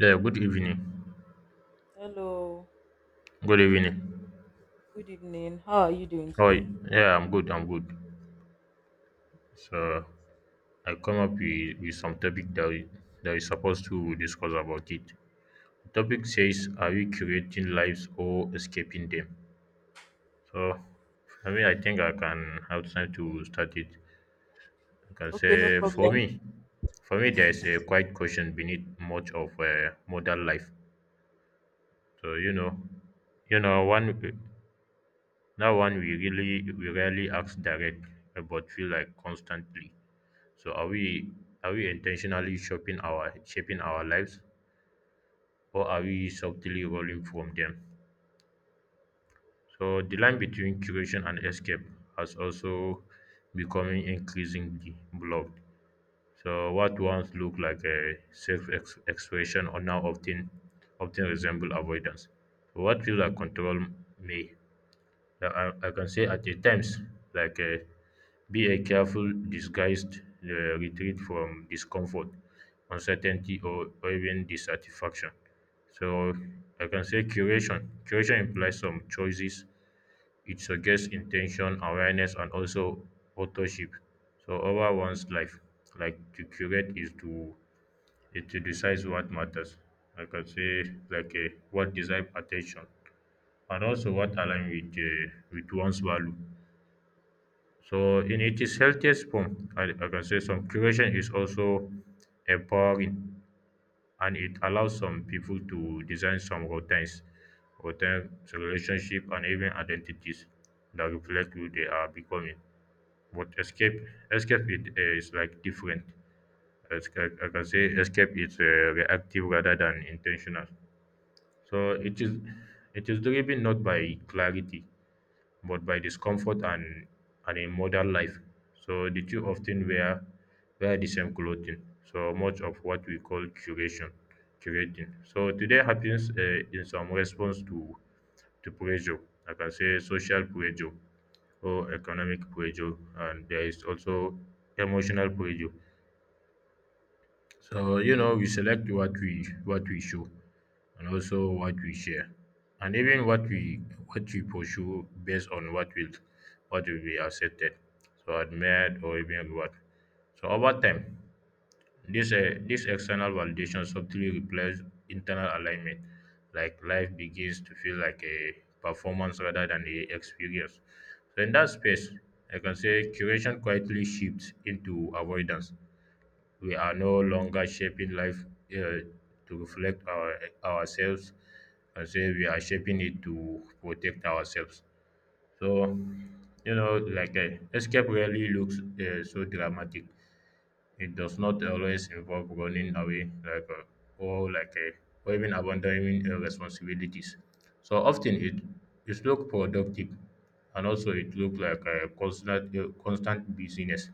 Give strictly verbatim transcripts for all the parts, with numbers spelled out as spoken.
Yeah, good evening. Hello, Good evening. good evening. How are you doing Oh, today? yeah, I'm good. I'm good. So I come up with, with some topic that we that we supposed to discuss about it. The topic says, "Are we creating lives or escaping them?" So for me, I think I can have time to start it. I can Okay, no say for problem. me, for me, there is a quiet question beneath much of uh, modern life. So you know, you know, one That one we really we rarely ask direct, uh, but feel like constantly. So are we are we intentionally shaping our shaping our lives, or are we subtly rolling from them? So the line between curation and escape has also becoming increasingly blurred. So what once looked like a self ex- expression or now often often resemble avoidance. So what feels like control may, Like I, I can say at a times, like uh, be a careful, disguised, uh, retreat from discomfort, uncertainty, or, or even dissatisfaction. So I can say curation. Curation implies some choices. It suggests intention, awareness, and also authorship. So over one's life, like to curate is to, it to decide what matters. I can say like a, what deserve attention and also what align with, uh, with one's value. So in its healthiest form, I, I can say some curation is also empowering, and it allows some people to design some routines, routines, relationship, and even identities that reflect who they are becoming. But escape, escape it uh, is like different. Escape, I can say escape is, uh, reactive rather than intentional. So it is it is driven not by clarity but by discomfort, and, and in modern life. So the two often wear wear the same clothing. So much of what we call curation, curating. So today happens, uh, in some response to, to pressure. I can say social pressure or economic pressure, and there is also emotional pressure. So you know, we select what we what we show, and also what we share, and even what we what we pursue based on what will what will be accepted, so admired or even what. So over time, this uh, this external validation subtly replaces internal alignment. Like life begins to feel like a performance rather than a experience. So in that space, I can say curation quietly shifts into avoidance. We are no longer shaping life, uh, to reflect our ourselves, and say we are shaping it to protect ourselves. So you know, like uh, escape rarely looks, uh, so dramatic. It does not always involve running away like uh, or like uh, or even abandoning, uh, responsibilities. So often it it look productive, and also it looks like a constant uh, constant busyness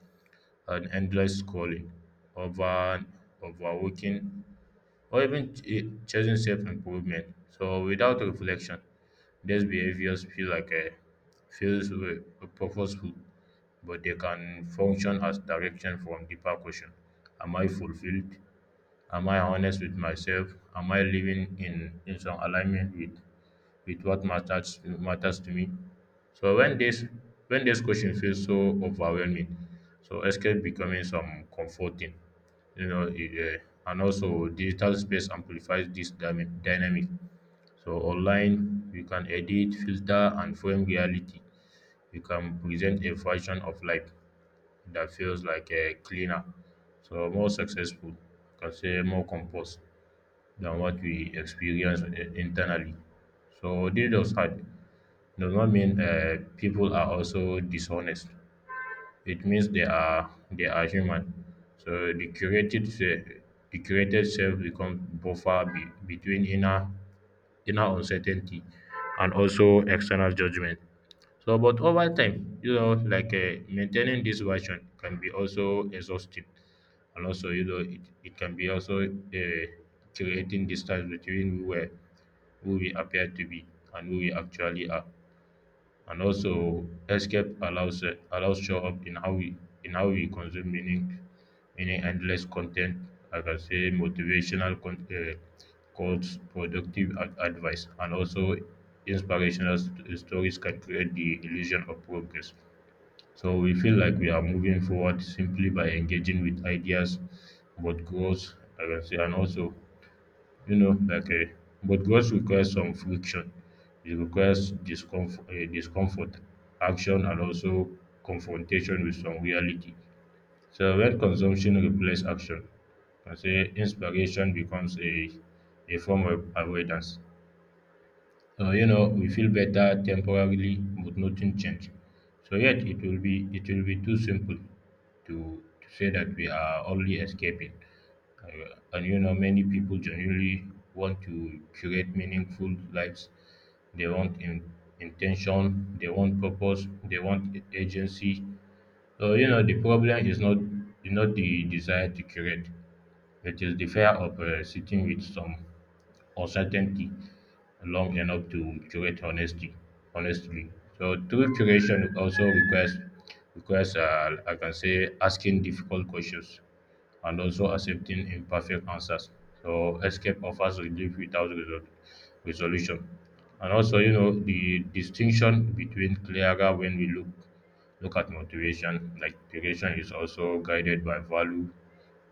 and endless scrolling, over and overworking, or even ch- chasing self-improvement. So without reflection, these behaviors feel like a feels re- purposeful, but they can function as direction from deeper question. Am I fulfilled? Am I honest with myself? Am I living in, in some alignment with with what matters matters to me? So when this, when this question feels so overwhelming, so escape becoming some comforting, you know, it, uh, and also digital space amplifies this dyna- dynamic. So online, you can edit, filter, and frame reality. You can present a version of life that feels like a cleaner, so more successful, can say more composed than what we experience i- internally. So DDoS hack does not mean, uh, people are also dishonest. It means they are they are human. So the curated se- the curated self becomes buffer be, between inner inner uncertainty and also external judgment. So, but over time, you know, like uh, maintaining this version can be also exhaustive, and also, you know, it, it can be also, uh, creating distance between who, we who we appear to be and who we actually are. And also escape allows, uh, allows show up in how we in how we consume meaning meaning endless content. I can say motivational con- uh, quotes, productive ad- advice, and also inspirational st- stories can create the illusion of progress. So we feel like we are moving forward simply by engaging with ideas about growth. I can say, and also, you know, like a, but growth requires some friction. It requires discomfort, uh, discomfort, action, and also confrontation with some reality. So when consumption replaces action, I say inspiration becomes a a form of avoidance. So you know, we feel better temporarily, but nothing change. So yet it will be it will be too simple to, to say that we are only escaping. Uh, And you know, many people genuinely want to create meaningful lives. They want in, intention, they want purpose, they want a- agency. So, you know, the problem is not, is not the desire to create, it is the fear of, uh, sitting with some uncertainty long enough to curate honesty, honestly. So, true curation also requires, requires, uh, I can say, asking difficult questions, and also accepting imperfect answers. So escape offers relief without resol- resolution. And also, you know, the distinction between clearer when we look look at motivation, like motivation is also guided by value,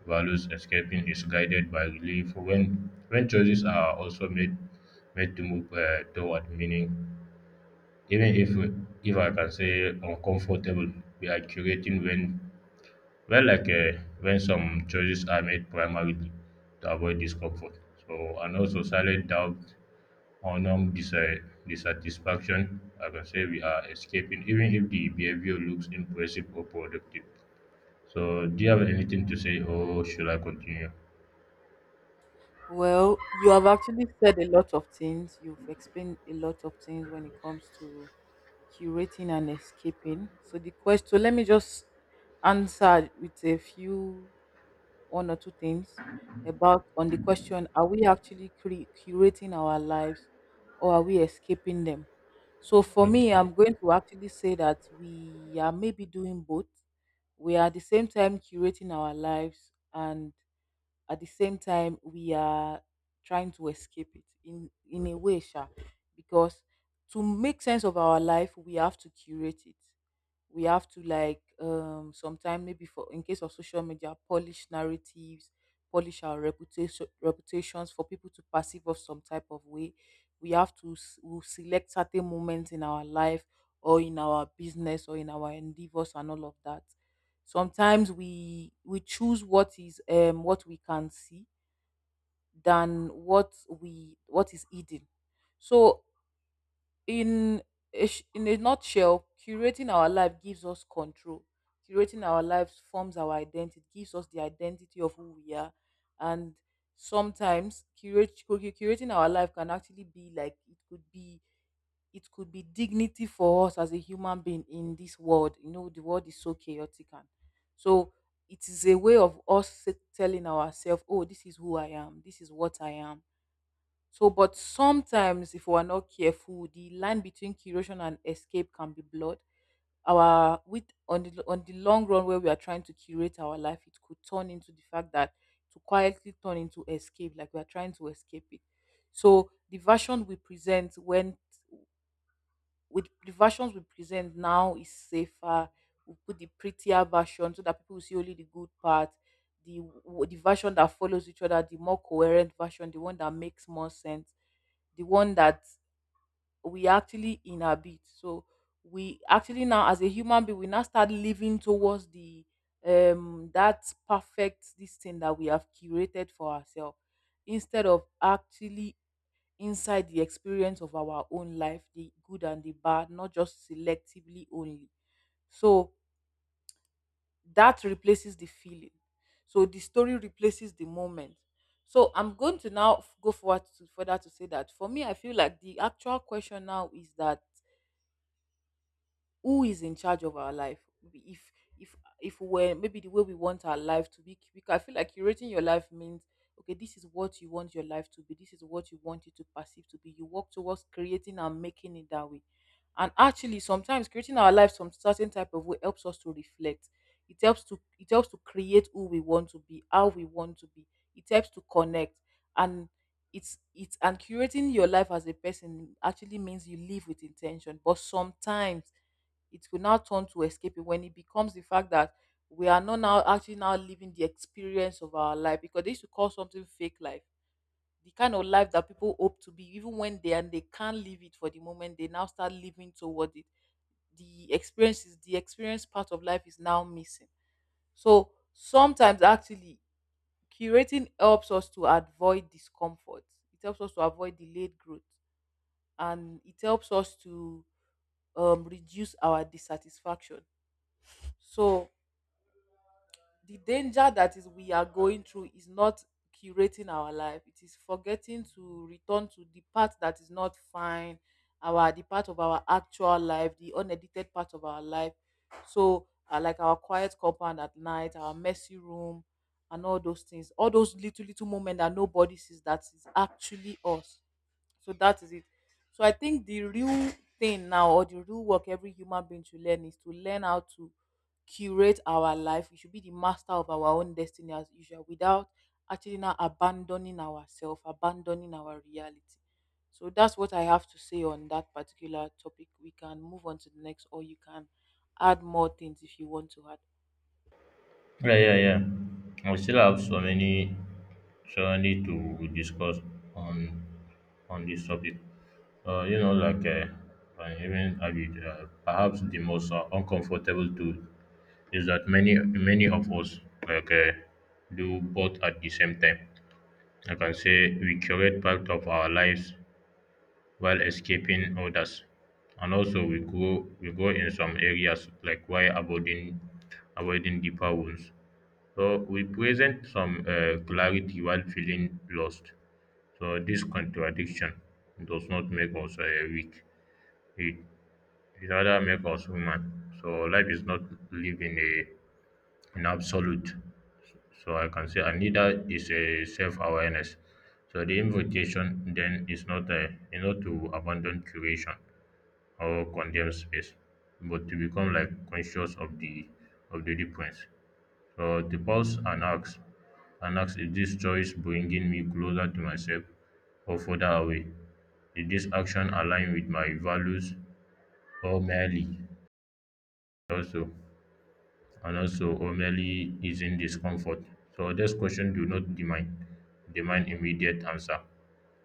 values escaping is guided by relief. When when choices are also made made to move, uh, toward meaning, even if if I can say uncomfortable, we are curating when, well, like uh, when some choices are made primarily to avoid discomfort. So, and also silent doubt, honor dis- uh, dissatisfaction. I can say we are escaping, even if the behavior looks impressive or productive. So, do you have anything to say, or should I continue? Well, you have actually said a lot of things. You've explained a lot of things when it comes to curating and escaping. So the question, let me just answer with a few one or two things about on the question, are we actually cre- curating our lives or are we escaping them? So for me, Okay. I'm going to actually say that we are maybe doing both. We are at the same time curating our lives and at the same time we are trying to escape it in in a way, sha, because to make sense of our life we have to curate it. We have to like um sometime, maybe for in case of social media, polish narratives, polish our reputation, reputations for people to perceive us some type of way. We have to s- we'll select certain moments in our life or in our business or in our endeavors and all of that. Sometimes we we choose what is um what we can see than what we, what is hidden. So in a, sh- in a nutshell, curating our life gives us control. Curating our lives forms our identity, gives us the identity of who we are, and sometimes curate, cu- cu- curating our life can actually be like it could be, it could be dignity for us as a human being in this world. You know, the world is so chaotic, and so it is a way of us s- telling ourselves, "Oh, this is who I am. This is what I am." So, but sometimes, if we are not careful, the line between curation and escape can be blurred. Our with on the on the long run, where we are trying to curate our life, it could turn into the fact that to quietly turn into escape, like we are trying to escape it. So the version we present when with the versions we present now is safer. We put the prettier version so that people will see only the good part. The w- the version that follows each other, the more coherent version, the one that makes more sense, the one that we actually inhabit. So we actually now, as a human being, we now start living towards the um that perfect this thing that we have curated for ourselves instead of actually inside the experience of our own life, the good and the bad, not just selectively only. So that replaces the feeling. So the story replaces the moment. So I'm going to now f- go forward to further to say that for me, I feel like the actual question now is that who is in charge of our life? We- if if if we're maybe the way we want our life to be, because I feel like curating your life means okay, this is what you want your life to be, this is what you want it to perceive to be, you work towards creating and making it that way. And actually sometimes creating our life some certain type of way helps us to reflect, it helps to, it helps to create who we want to be, how we want to be. It helps to connect, and it's it's and curating your life as a person actually means you live with intention. But sometimes it could now turn to escaping when it becomes the fact that we are not now actually now living the experience of our life, because they used to call something fake life. The kind of life that people hope to be, even when they, and they can't live it for the moment, they now start living toward it. The experience is the experience part of life is now missing. So sometimes actually curating helps us to avoid discomfort. It helps us to avoid delayed growth, and it helps us to um, reduce our dissatisfaction. So the danger that is we are going through is not curating our life, it is forgetting to return to the part that is not fine, our, the part of our actual life, the unedited part of our life. So uh, like our quiet compound at night, our messy room, and all those things, all those little little moments that nobody sees, that is actually us. So that is it. So I think the real thing now, or the real work every human being should learn, is to learn how to curate our life. We should be the master of our own destiny as usual, without actually now abandoning ourselves, abandoning our reality. So that's what I have to say on that particular topic. We can move on to the next, or you can add more things if you want to add. Yeah, yeah, yeah. We still have so many, so many to discuss on on this topic. Uh, you know, like uh, uh, even argued, uh, perhaps the most, uh, uncomfortable truth is that many many of us like uh, do both at the same time. I can say we curate part of our lives while escaping others, and also we grow we grow in some areas like while avoiding avoiding deeper wounds. So we present some, uh, clarity while feeling lost. So this contradiction does not make us, uh, weak. It disorder make us human. So life is not lived in a in absolute. So I can say, and neither is a self-awareness. So the invitation then is not a is not to abandon curation or condemn space, but to become like conscious of the of the difference. So to pause and ask and ask is this choice bringing me closer to myself or further away? Is this action aligned with my values or merely also? And also or merely easing discomfort. So these questions do not demand demand immediate answer.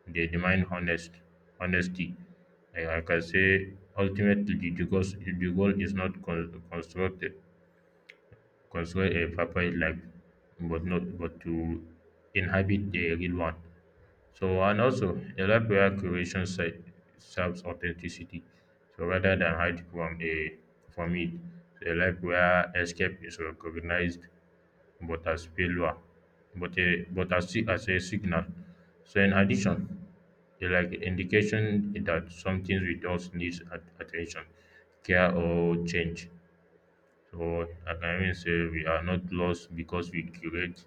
They demand honest honesty. Like like I can say ultimately the goal, the goal is not con- constructed construct a perfect life, but not but to inhabit a real one. So and also a life where creation se- serves authenticity. So rather than hide from a from it, a life where escape is recognized but as failure, but a but as si- as a signal. So in addition, they like indication that something with us needs at- attention, care, or change. So I can even say we are not lost because we create.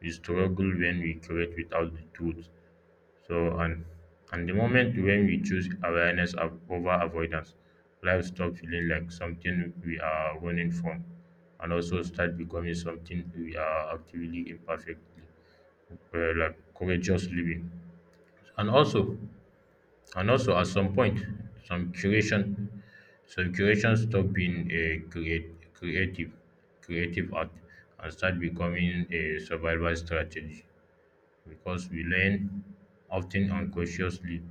We struggle when we create without the tools. So and and the moment when we choose awareness of over avoidance, life stop feeling like something we are running from, and also start becoming something we are actively imperfectly, uh, like courageous living. And also, and also at some point some curation some curation stop being a create, creative, creative art, and start becoming a survival strategy because we learn, often unconsciously,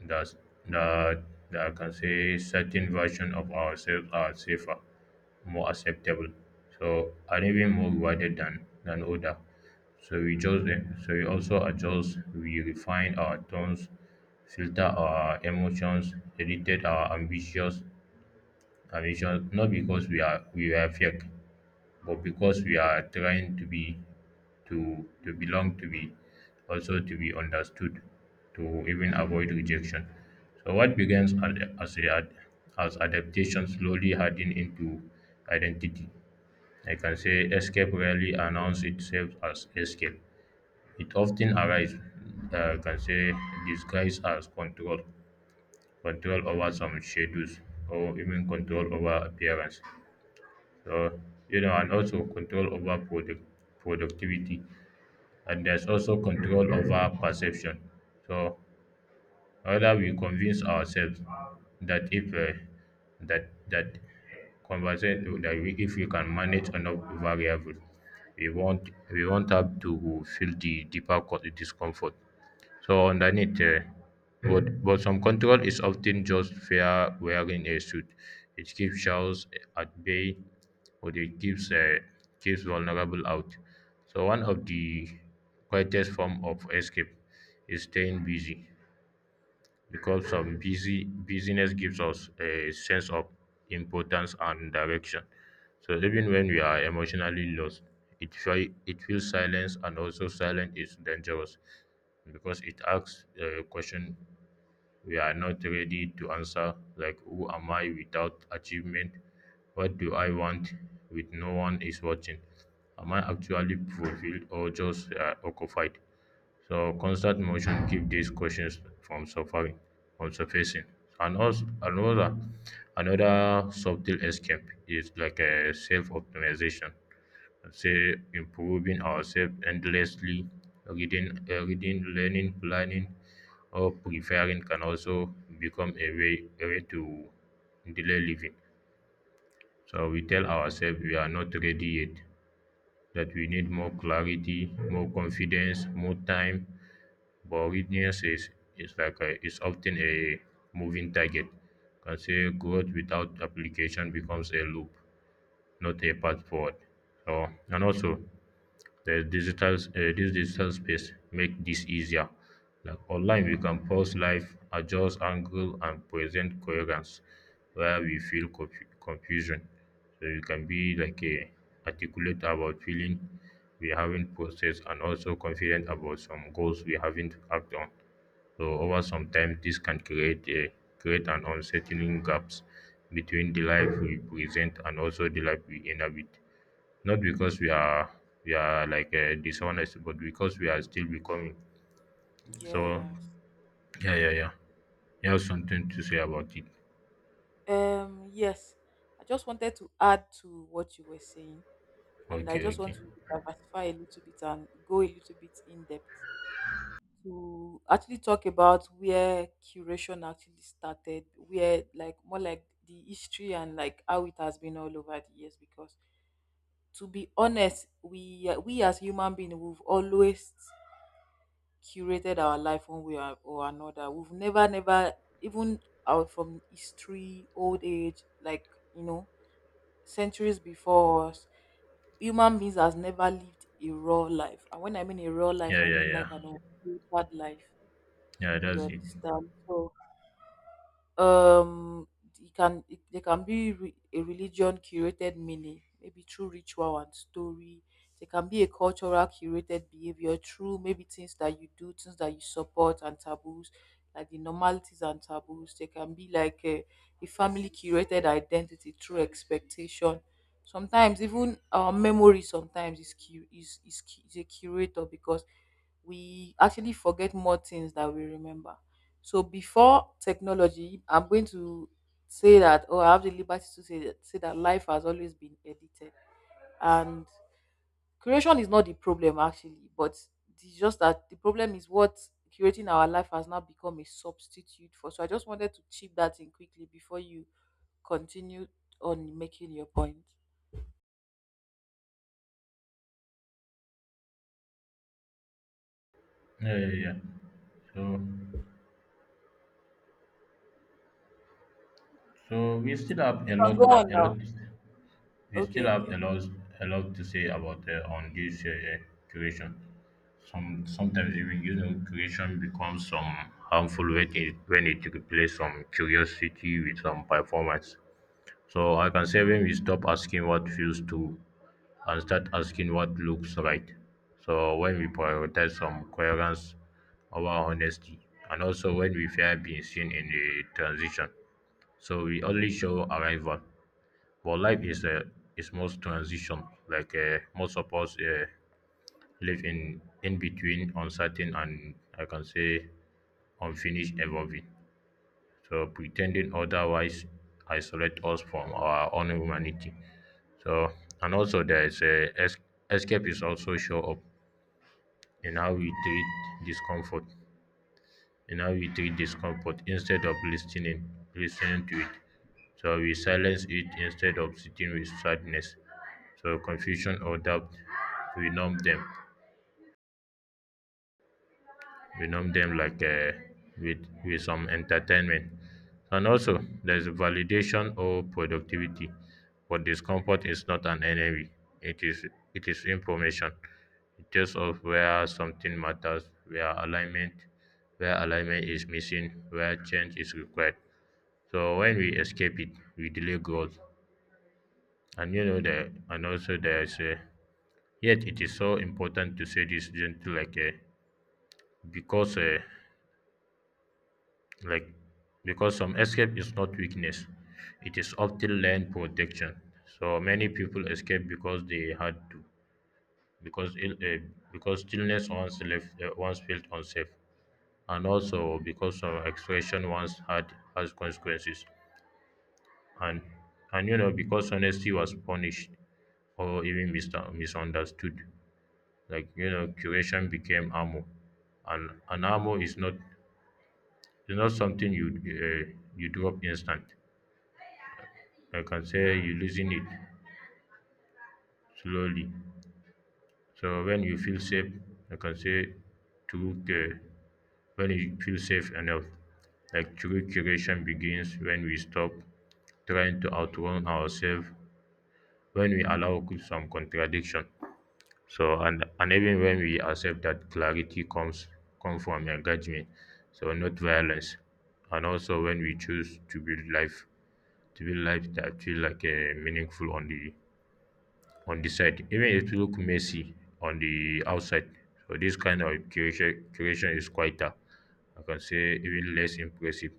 thus, that that I can say certain versions of ourselves are safer, more acceptable, so and even more rewarded than than other. So we just eh, so we also adjust, we refine our tones, filter our emotions, edit our ambitions, ambitions not because we are we are fake, but because we are trying to be, to to belong, to be, also to be understood, to even avoid rejection. So what begins ad- as a ad- as adaptation slowly hardened into identity. I can say escape rarely announces itself as escape. It often arises, uh, I can say, disguised as control, control over some shadows, or even control over appearance. So, you know, and also control over product, productivity. And there's also control over perception. So, whether we convince ourselves that if uh, that that conversation that we, if we can manage enough variables, we won't we won't have to feel the deeper co- discomfort. So underneath, uh, but, but some control is often just fear wearing a suit. It keeps shells at bay, but it keeps uh, keeps vulnerable out. So one of the quietest form of escape is staying busy, because some busy busyness gives us a sense of importance and direction. So even when we are emotionally lost, it feel, it feels silence, and also silence is dangerous because it asks a question we are not ready to answer, like who am I without achievement? What do I want with no one is watching? Am I actually fulfilled or just uh, occupied? So constant motion keep these questions from suffering, from surfacing. And also another another subtle escape is like a self-optimization. Say improving ourselves endlessly, reading, uh, reading, learning, planning, or preferring can also become a way a way to delay living. So we tell ourselves we are not ready yet, that we need more clarity, more confidence, more time, but weakness is, is like a, is often a moving target. Can say growth without application becomes a loop, not a path forward. So, and also, the digital s- uh, this digital space make this easier. Like online, we can pause live, adjust angle, and present coherence where we feel confu- confusion. So you can be like a articulate about feeling we haven't processed, and also confident about some goals we haven't acted on. So over some time, this can create a create an unsettling gaps between the life we present and also the life we inhabit. Not because we are we are like uh, dishonest, but because we are still becoming. So Yes. yeah, yeah, yeah. You have something to say about it? Um. Yes. I just wanted to add to what you were saying, and I Okay, just want okay. to diversify a little bit and go a little bit in depth to actually talk about where curation actually started, where like more like the history and like how it has been all over the years. Because to be honest, we we as human beings we've always curated our life one way or or another. We've never never even out from history, old age, like you know, centuries before us, human beings has never lived a raw life. And when I mean a raw life, Yeah, I yeah, mean like yeah. an unfiltered life, Yeah, you that's it. understand? So um it can it, they can be re- a religion curated meaning maybe through ritual and story. They can be a cultural curated behavior through maybe things that you do, things that you support, and taboos, like the normalities and taboos. They can be like a, a family curated identity through expectation. Sometimes even our memory sometimes is cu- is, is, cu- is a curator, because we actually forget more things that we remember. So before technology, I'm going to say that, or I have the liberty to say that, say that life has always been edited. And creation is not the problem actually, but it's just that the problem is what curating our life has now become a substitute for. So I just wanted to chip that in quickly before you continue on making your point. Yeah, yeah, yeah. So, so we still have You a can lot, go on a lot. now. To s- We Okay, still have okay. a lot, a lot to say about uh, on this uh, creation. some sometimes even you know creation becomes some harmful when it when it replaces some curiosity with some performance. So I can say, when we stop asking what feels true and start asking what looks right, so when we prioritize some coherence over honesty, and also when we fear being seen in the transition, so we only show arrival. But life is a is most transition. Like uh, most of us uh, live in in between uncertain, and I can say unfinished evolving. So pretending otherwise isolate us from our own humanity. So and also there is a es- escape is also show up in how we treat discomfort. In how we treat discomfort, instead of listening listening to it. So we silence it instead of sitting with sadness. So confusion or doubt, we numb them. Renown them like uh, with with some entertainment, and also there's validation or productivity. But discomfort is not an enemy, it is it is information. It tells us where something matters, where alignment where alignment is missing, where change is required. So when we escape it, we delay growth. And you know that. And also there's a yet it is so important to say this gently, like a because uh, like because some escape is not weakness, it is often learned protection. So many people escape because they had to, because ill, uh, because stillness once left uh, once felt unsafe, and also because some expression once had has consequences, and and you know because honesty was punished or even mis- misunderstood. Like you know curation became armor, and an armor is not is not something you uh, you drop instant. I can say you loosen it slowly. So when you feel safe, I can say true care when you feel safe enough, like true curation begins when we stop trying to outrun ourselves, when we allow some contradiction. So and and even when we accept that clarity comes come from engagement, so not Mm, violence. And also when we choose to build life to build life that feel like a meaningful on the on the side, even it look messy on the outside. So this kind of curation curation is quieter. I can say even less impressive,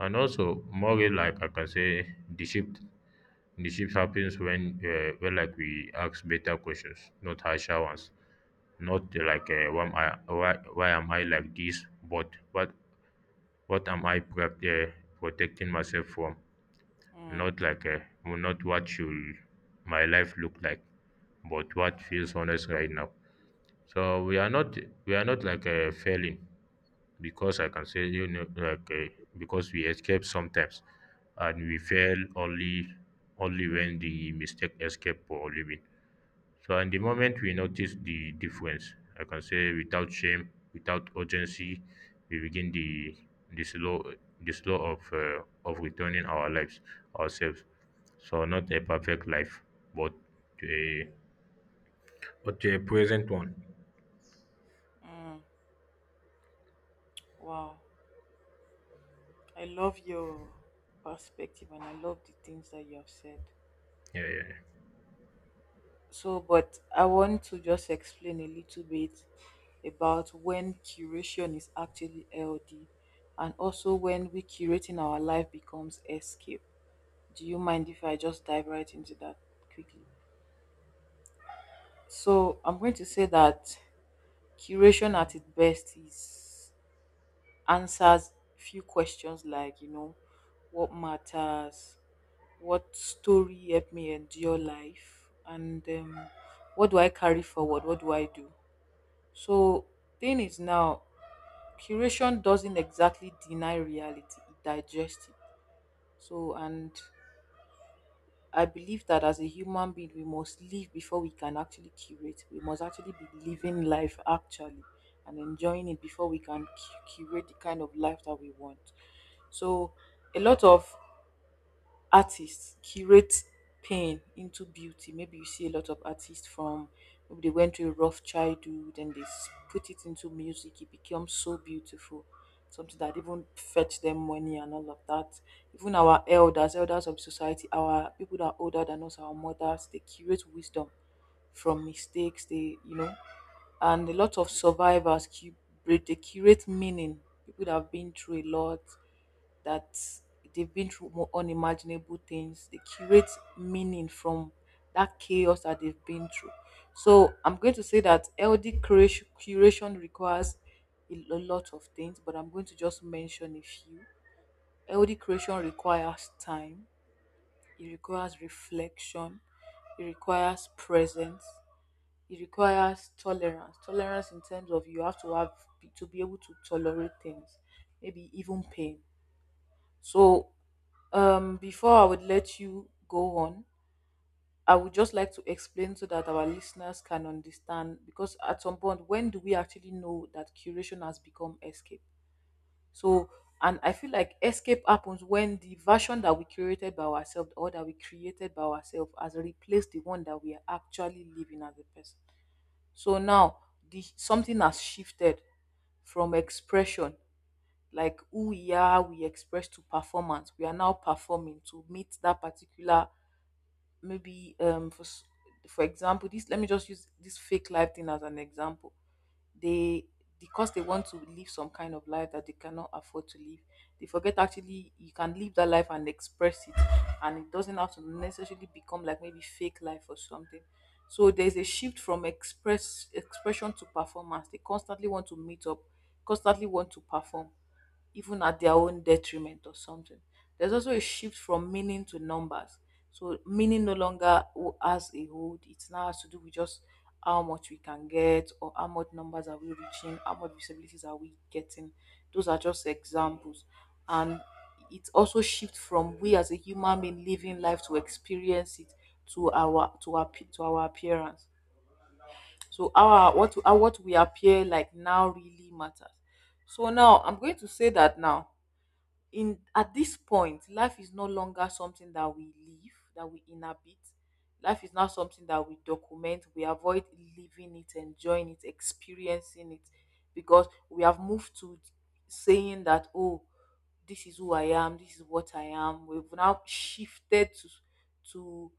and also more real life. I can say the shift the shift happens when uh, when like we ask better questions, not harsher ones. Not uh, like uh, why, am I, why why am I like this, but what what am I prep, uh, protecting myself from? mm, Not like uh, not what should my life look like, but what feels honest right now. So we are not we are not like uh, failing because I can say you know like uh, because we escape sometimes, and we fail only only when the mistake escape for a living. So, and the moment we notice the difference, I can say without shame, without urgency, we begin the the slow the slow of uh, of returning our lives ourselves. So not a perfect life, but to a but to a present one. mm. Wow. I love your perspective and I love the things that you have said. Yeah, yeah, yeah. So, but I want to just explain a little bit about when curation is actually healthy and also when we curating our life becomes escape. Do you mind if I just dive right into that quickly? So, I'm going to say that curation at its best is answers few questions like, you know, what matters, what story helped me endure life, and um, what do I carry forward, what do I do? So thing is now curation doesn't exactly deny reality, it digests it. So and I believe that as a human being we must live before we can actually curate. We must actually be living life actually and enjoying it before we can cu- curate the kind of life that we want. So a lot of artists curate pain into beauty. Maybe you see a lot of artists from maybe they went through a rough childhood and they s- put it into music. It becomes so beautiful, something that even fetch them money and all of that. Even our elders, elders of society, our people that are older than us, our mothers, they curate wisdom from mistakes. They, you know, and a lot of survivors, cu- they curate meaning. People that have been through a lot, that they've been through more unimaginable things. They curate meaning from that chaos that they've been through. So I'm going to say that L D curation, curation requires a lo- lot of things, but I'm going to just mention a few. L D curation requires time, it requires reflection, it requires presence, it requires tolerance. Tolerance in terms of you have to have to be able to tolerate things, maybe even pain. So um, before I would let you go on, I would just like to explain so that our listeners can understand, because at some point, when do we actually know that curation has become escape? So, and I feel like escape happens when the version that we curated by ourselves or that we created by ourselves has replaced the one that we are actually living as a person. So now the something has shifted from expression, like who we are we express, to performance, we are now performing to meet that particular, maybe um for s- for example, this, let me just use this fake life thing as an example. They, because they want to live some kind of life that they cannot afford to live, they forget actually you can live that life and express it, and it doesn't have to necessarily become like maybe fake life or something. So there's a shift from express expression to performance. They constantly want to meet up, constantly want to perform, even at their own detriment or something. There's also a shift from meaning to numbers. So meaning no longer wo- has a hold. It now has to do with just how much we can get or how much numbers are we reaching, how much visibilities are we getting. Those are just examples. And it also shifts from we as a human being living life to experience it to our to our pe- to our appearance. So our what our, what we appear like now really matters. So now I'm going to say that now in at this point life is no longer something that we live, that we inhabit. Life is not something that we document, we avoid living it, enjoying it, experiencing it, because we have moved to saying that oh, this is who I am, this is what I am. We've now shifted to to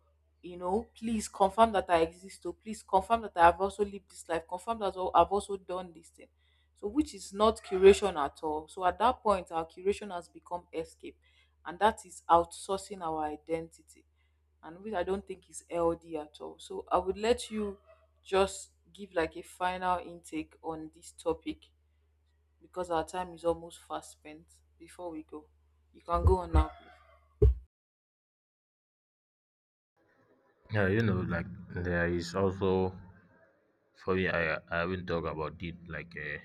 you know please confirm that I exist, to please confirm that I have also lived this life, confirm that I've also done this thing. So, which is not curation at all. So, at that point, our curation has become escape, and that is outsourcing our identity, and which I don't think is healthy at all. So, I would let you just give like a final intake on this topic because our time is almost fast spent before we go. You can go on now, please. Yeah. You know, like there is also for me. I I haven't talked about it. Like uh,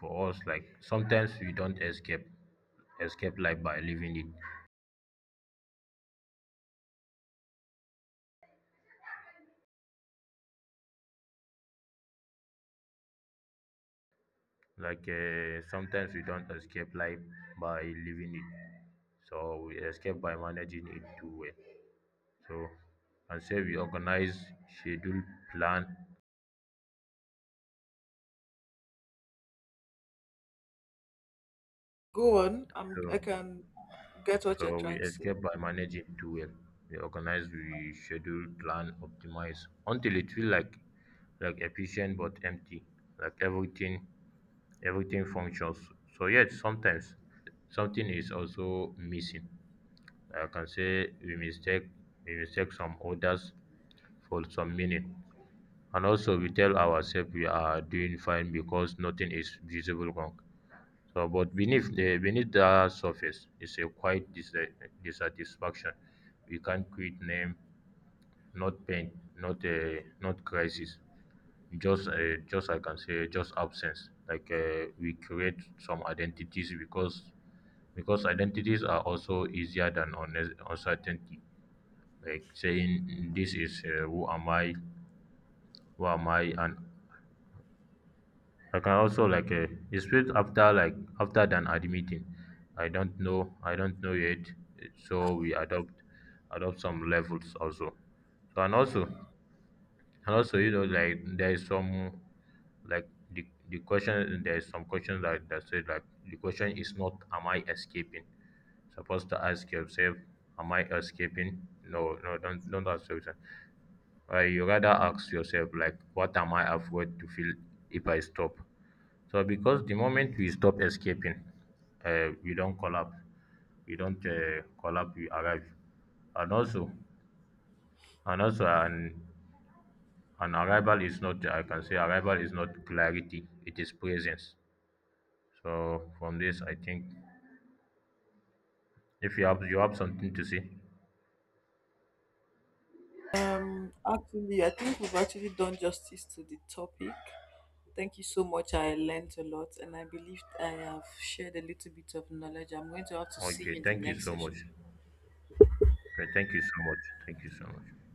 for us, like sometimes we don't escape escape life by living it. Like uh, sometimes we don't escape life by living it, so we escape by managing it too well. So and say we organize, schedule, plan. Go on. I'm, So I can get so what you're we trying to say. escape by managing too well. We organize, we schedule, plan, optimize, until it feel like like efficient but empty, like everything everything functions. So yet sometimes something is also missing. I can say we mistake we mistake some orders for some meaning. And also we tell ourselves we are doing fine because nothing is visible wrong. So but beneath the beneath the surface is a quiet dis- dissatisfaction. We can't quit name, not pain, not uh, not crisis. Just uh, just I can say just absence. Like uh, we create some identities because because identities are also easier than unnes- uncertainty, like saying this is uh, who am I, who am I, and I can also like uh, it's straight after like after than admitting, I don't know, I don't know yet. So we adopt adopt some levels also. So and also and also you know like there is some like the the question there is some question that that said like the question is not am I escaping supposed to ask yourself, am I escaping? No, no, don't don't ask yourself. uh, you rather ask yourself like what am I afraid to feel if I stop. So because the moment we stop escaping, uh, we don't collapse, we don't uh, collapse, we arrive. And also and also an, an arrival is not I can say arrival is not clarity, it is presence. So from this I think if you have you have something to say Um, actually, I think we've actually done justice to the topic. Thank you so much. I learned a lot and I believe I have shared a little bit of knowledge. I'm going to have to see okay you in the thank you next so session. much okay thank you so much thank you so much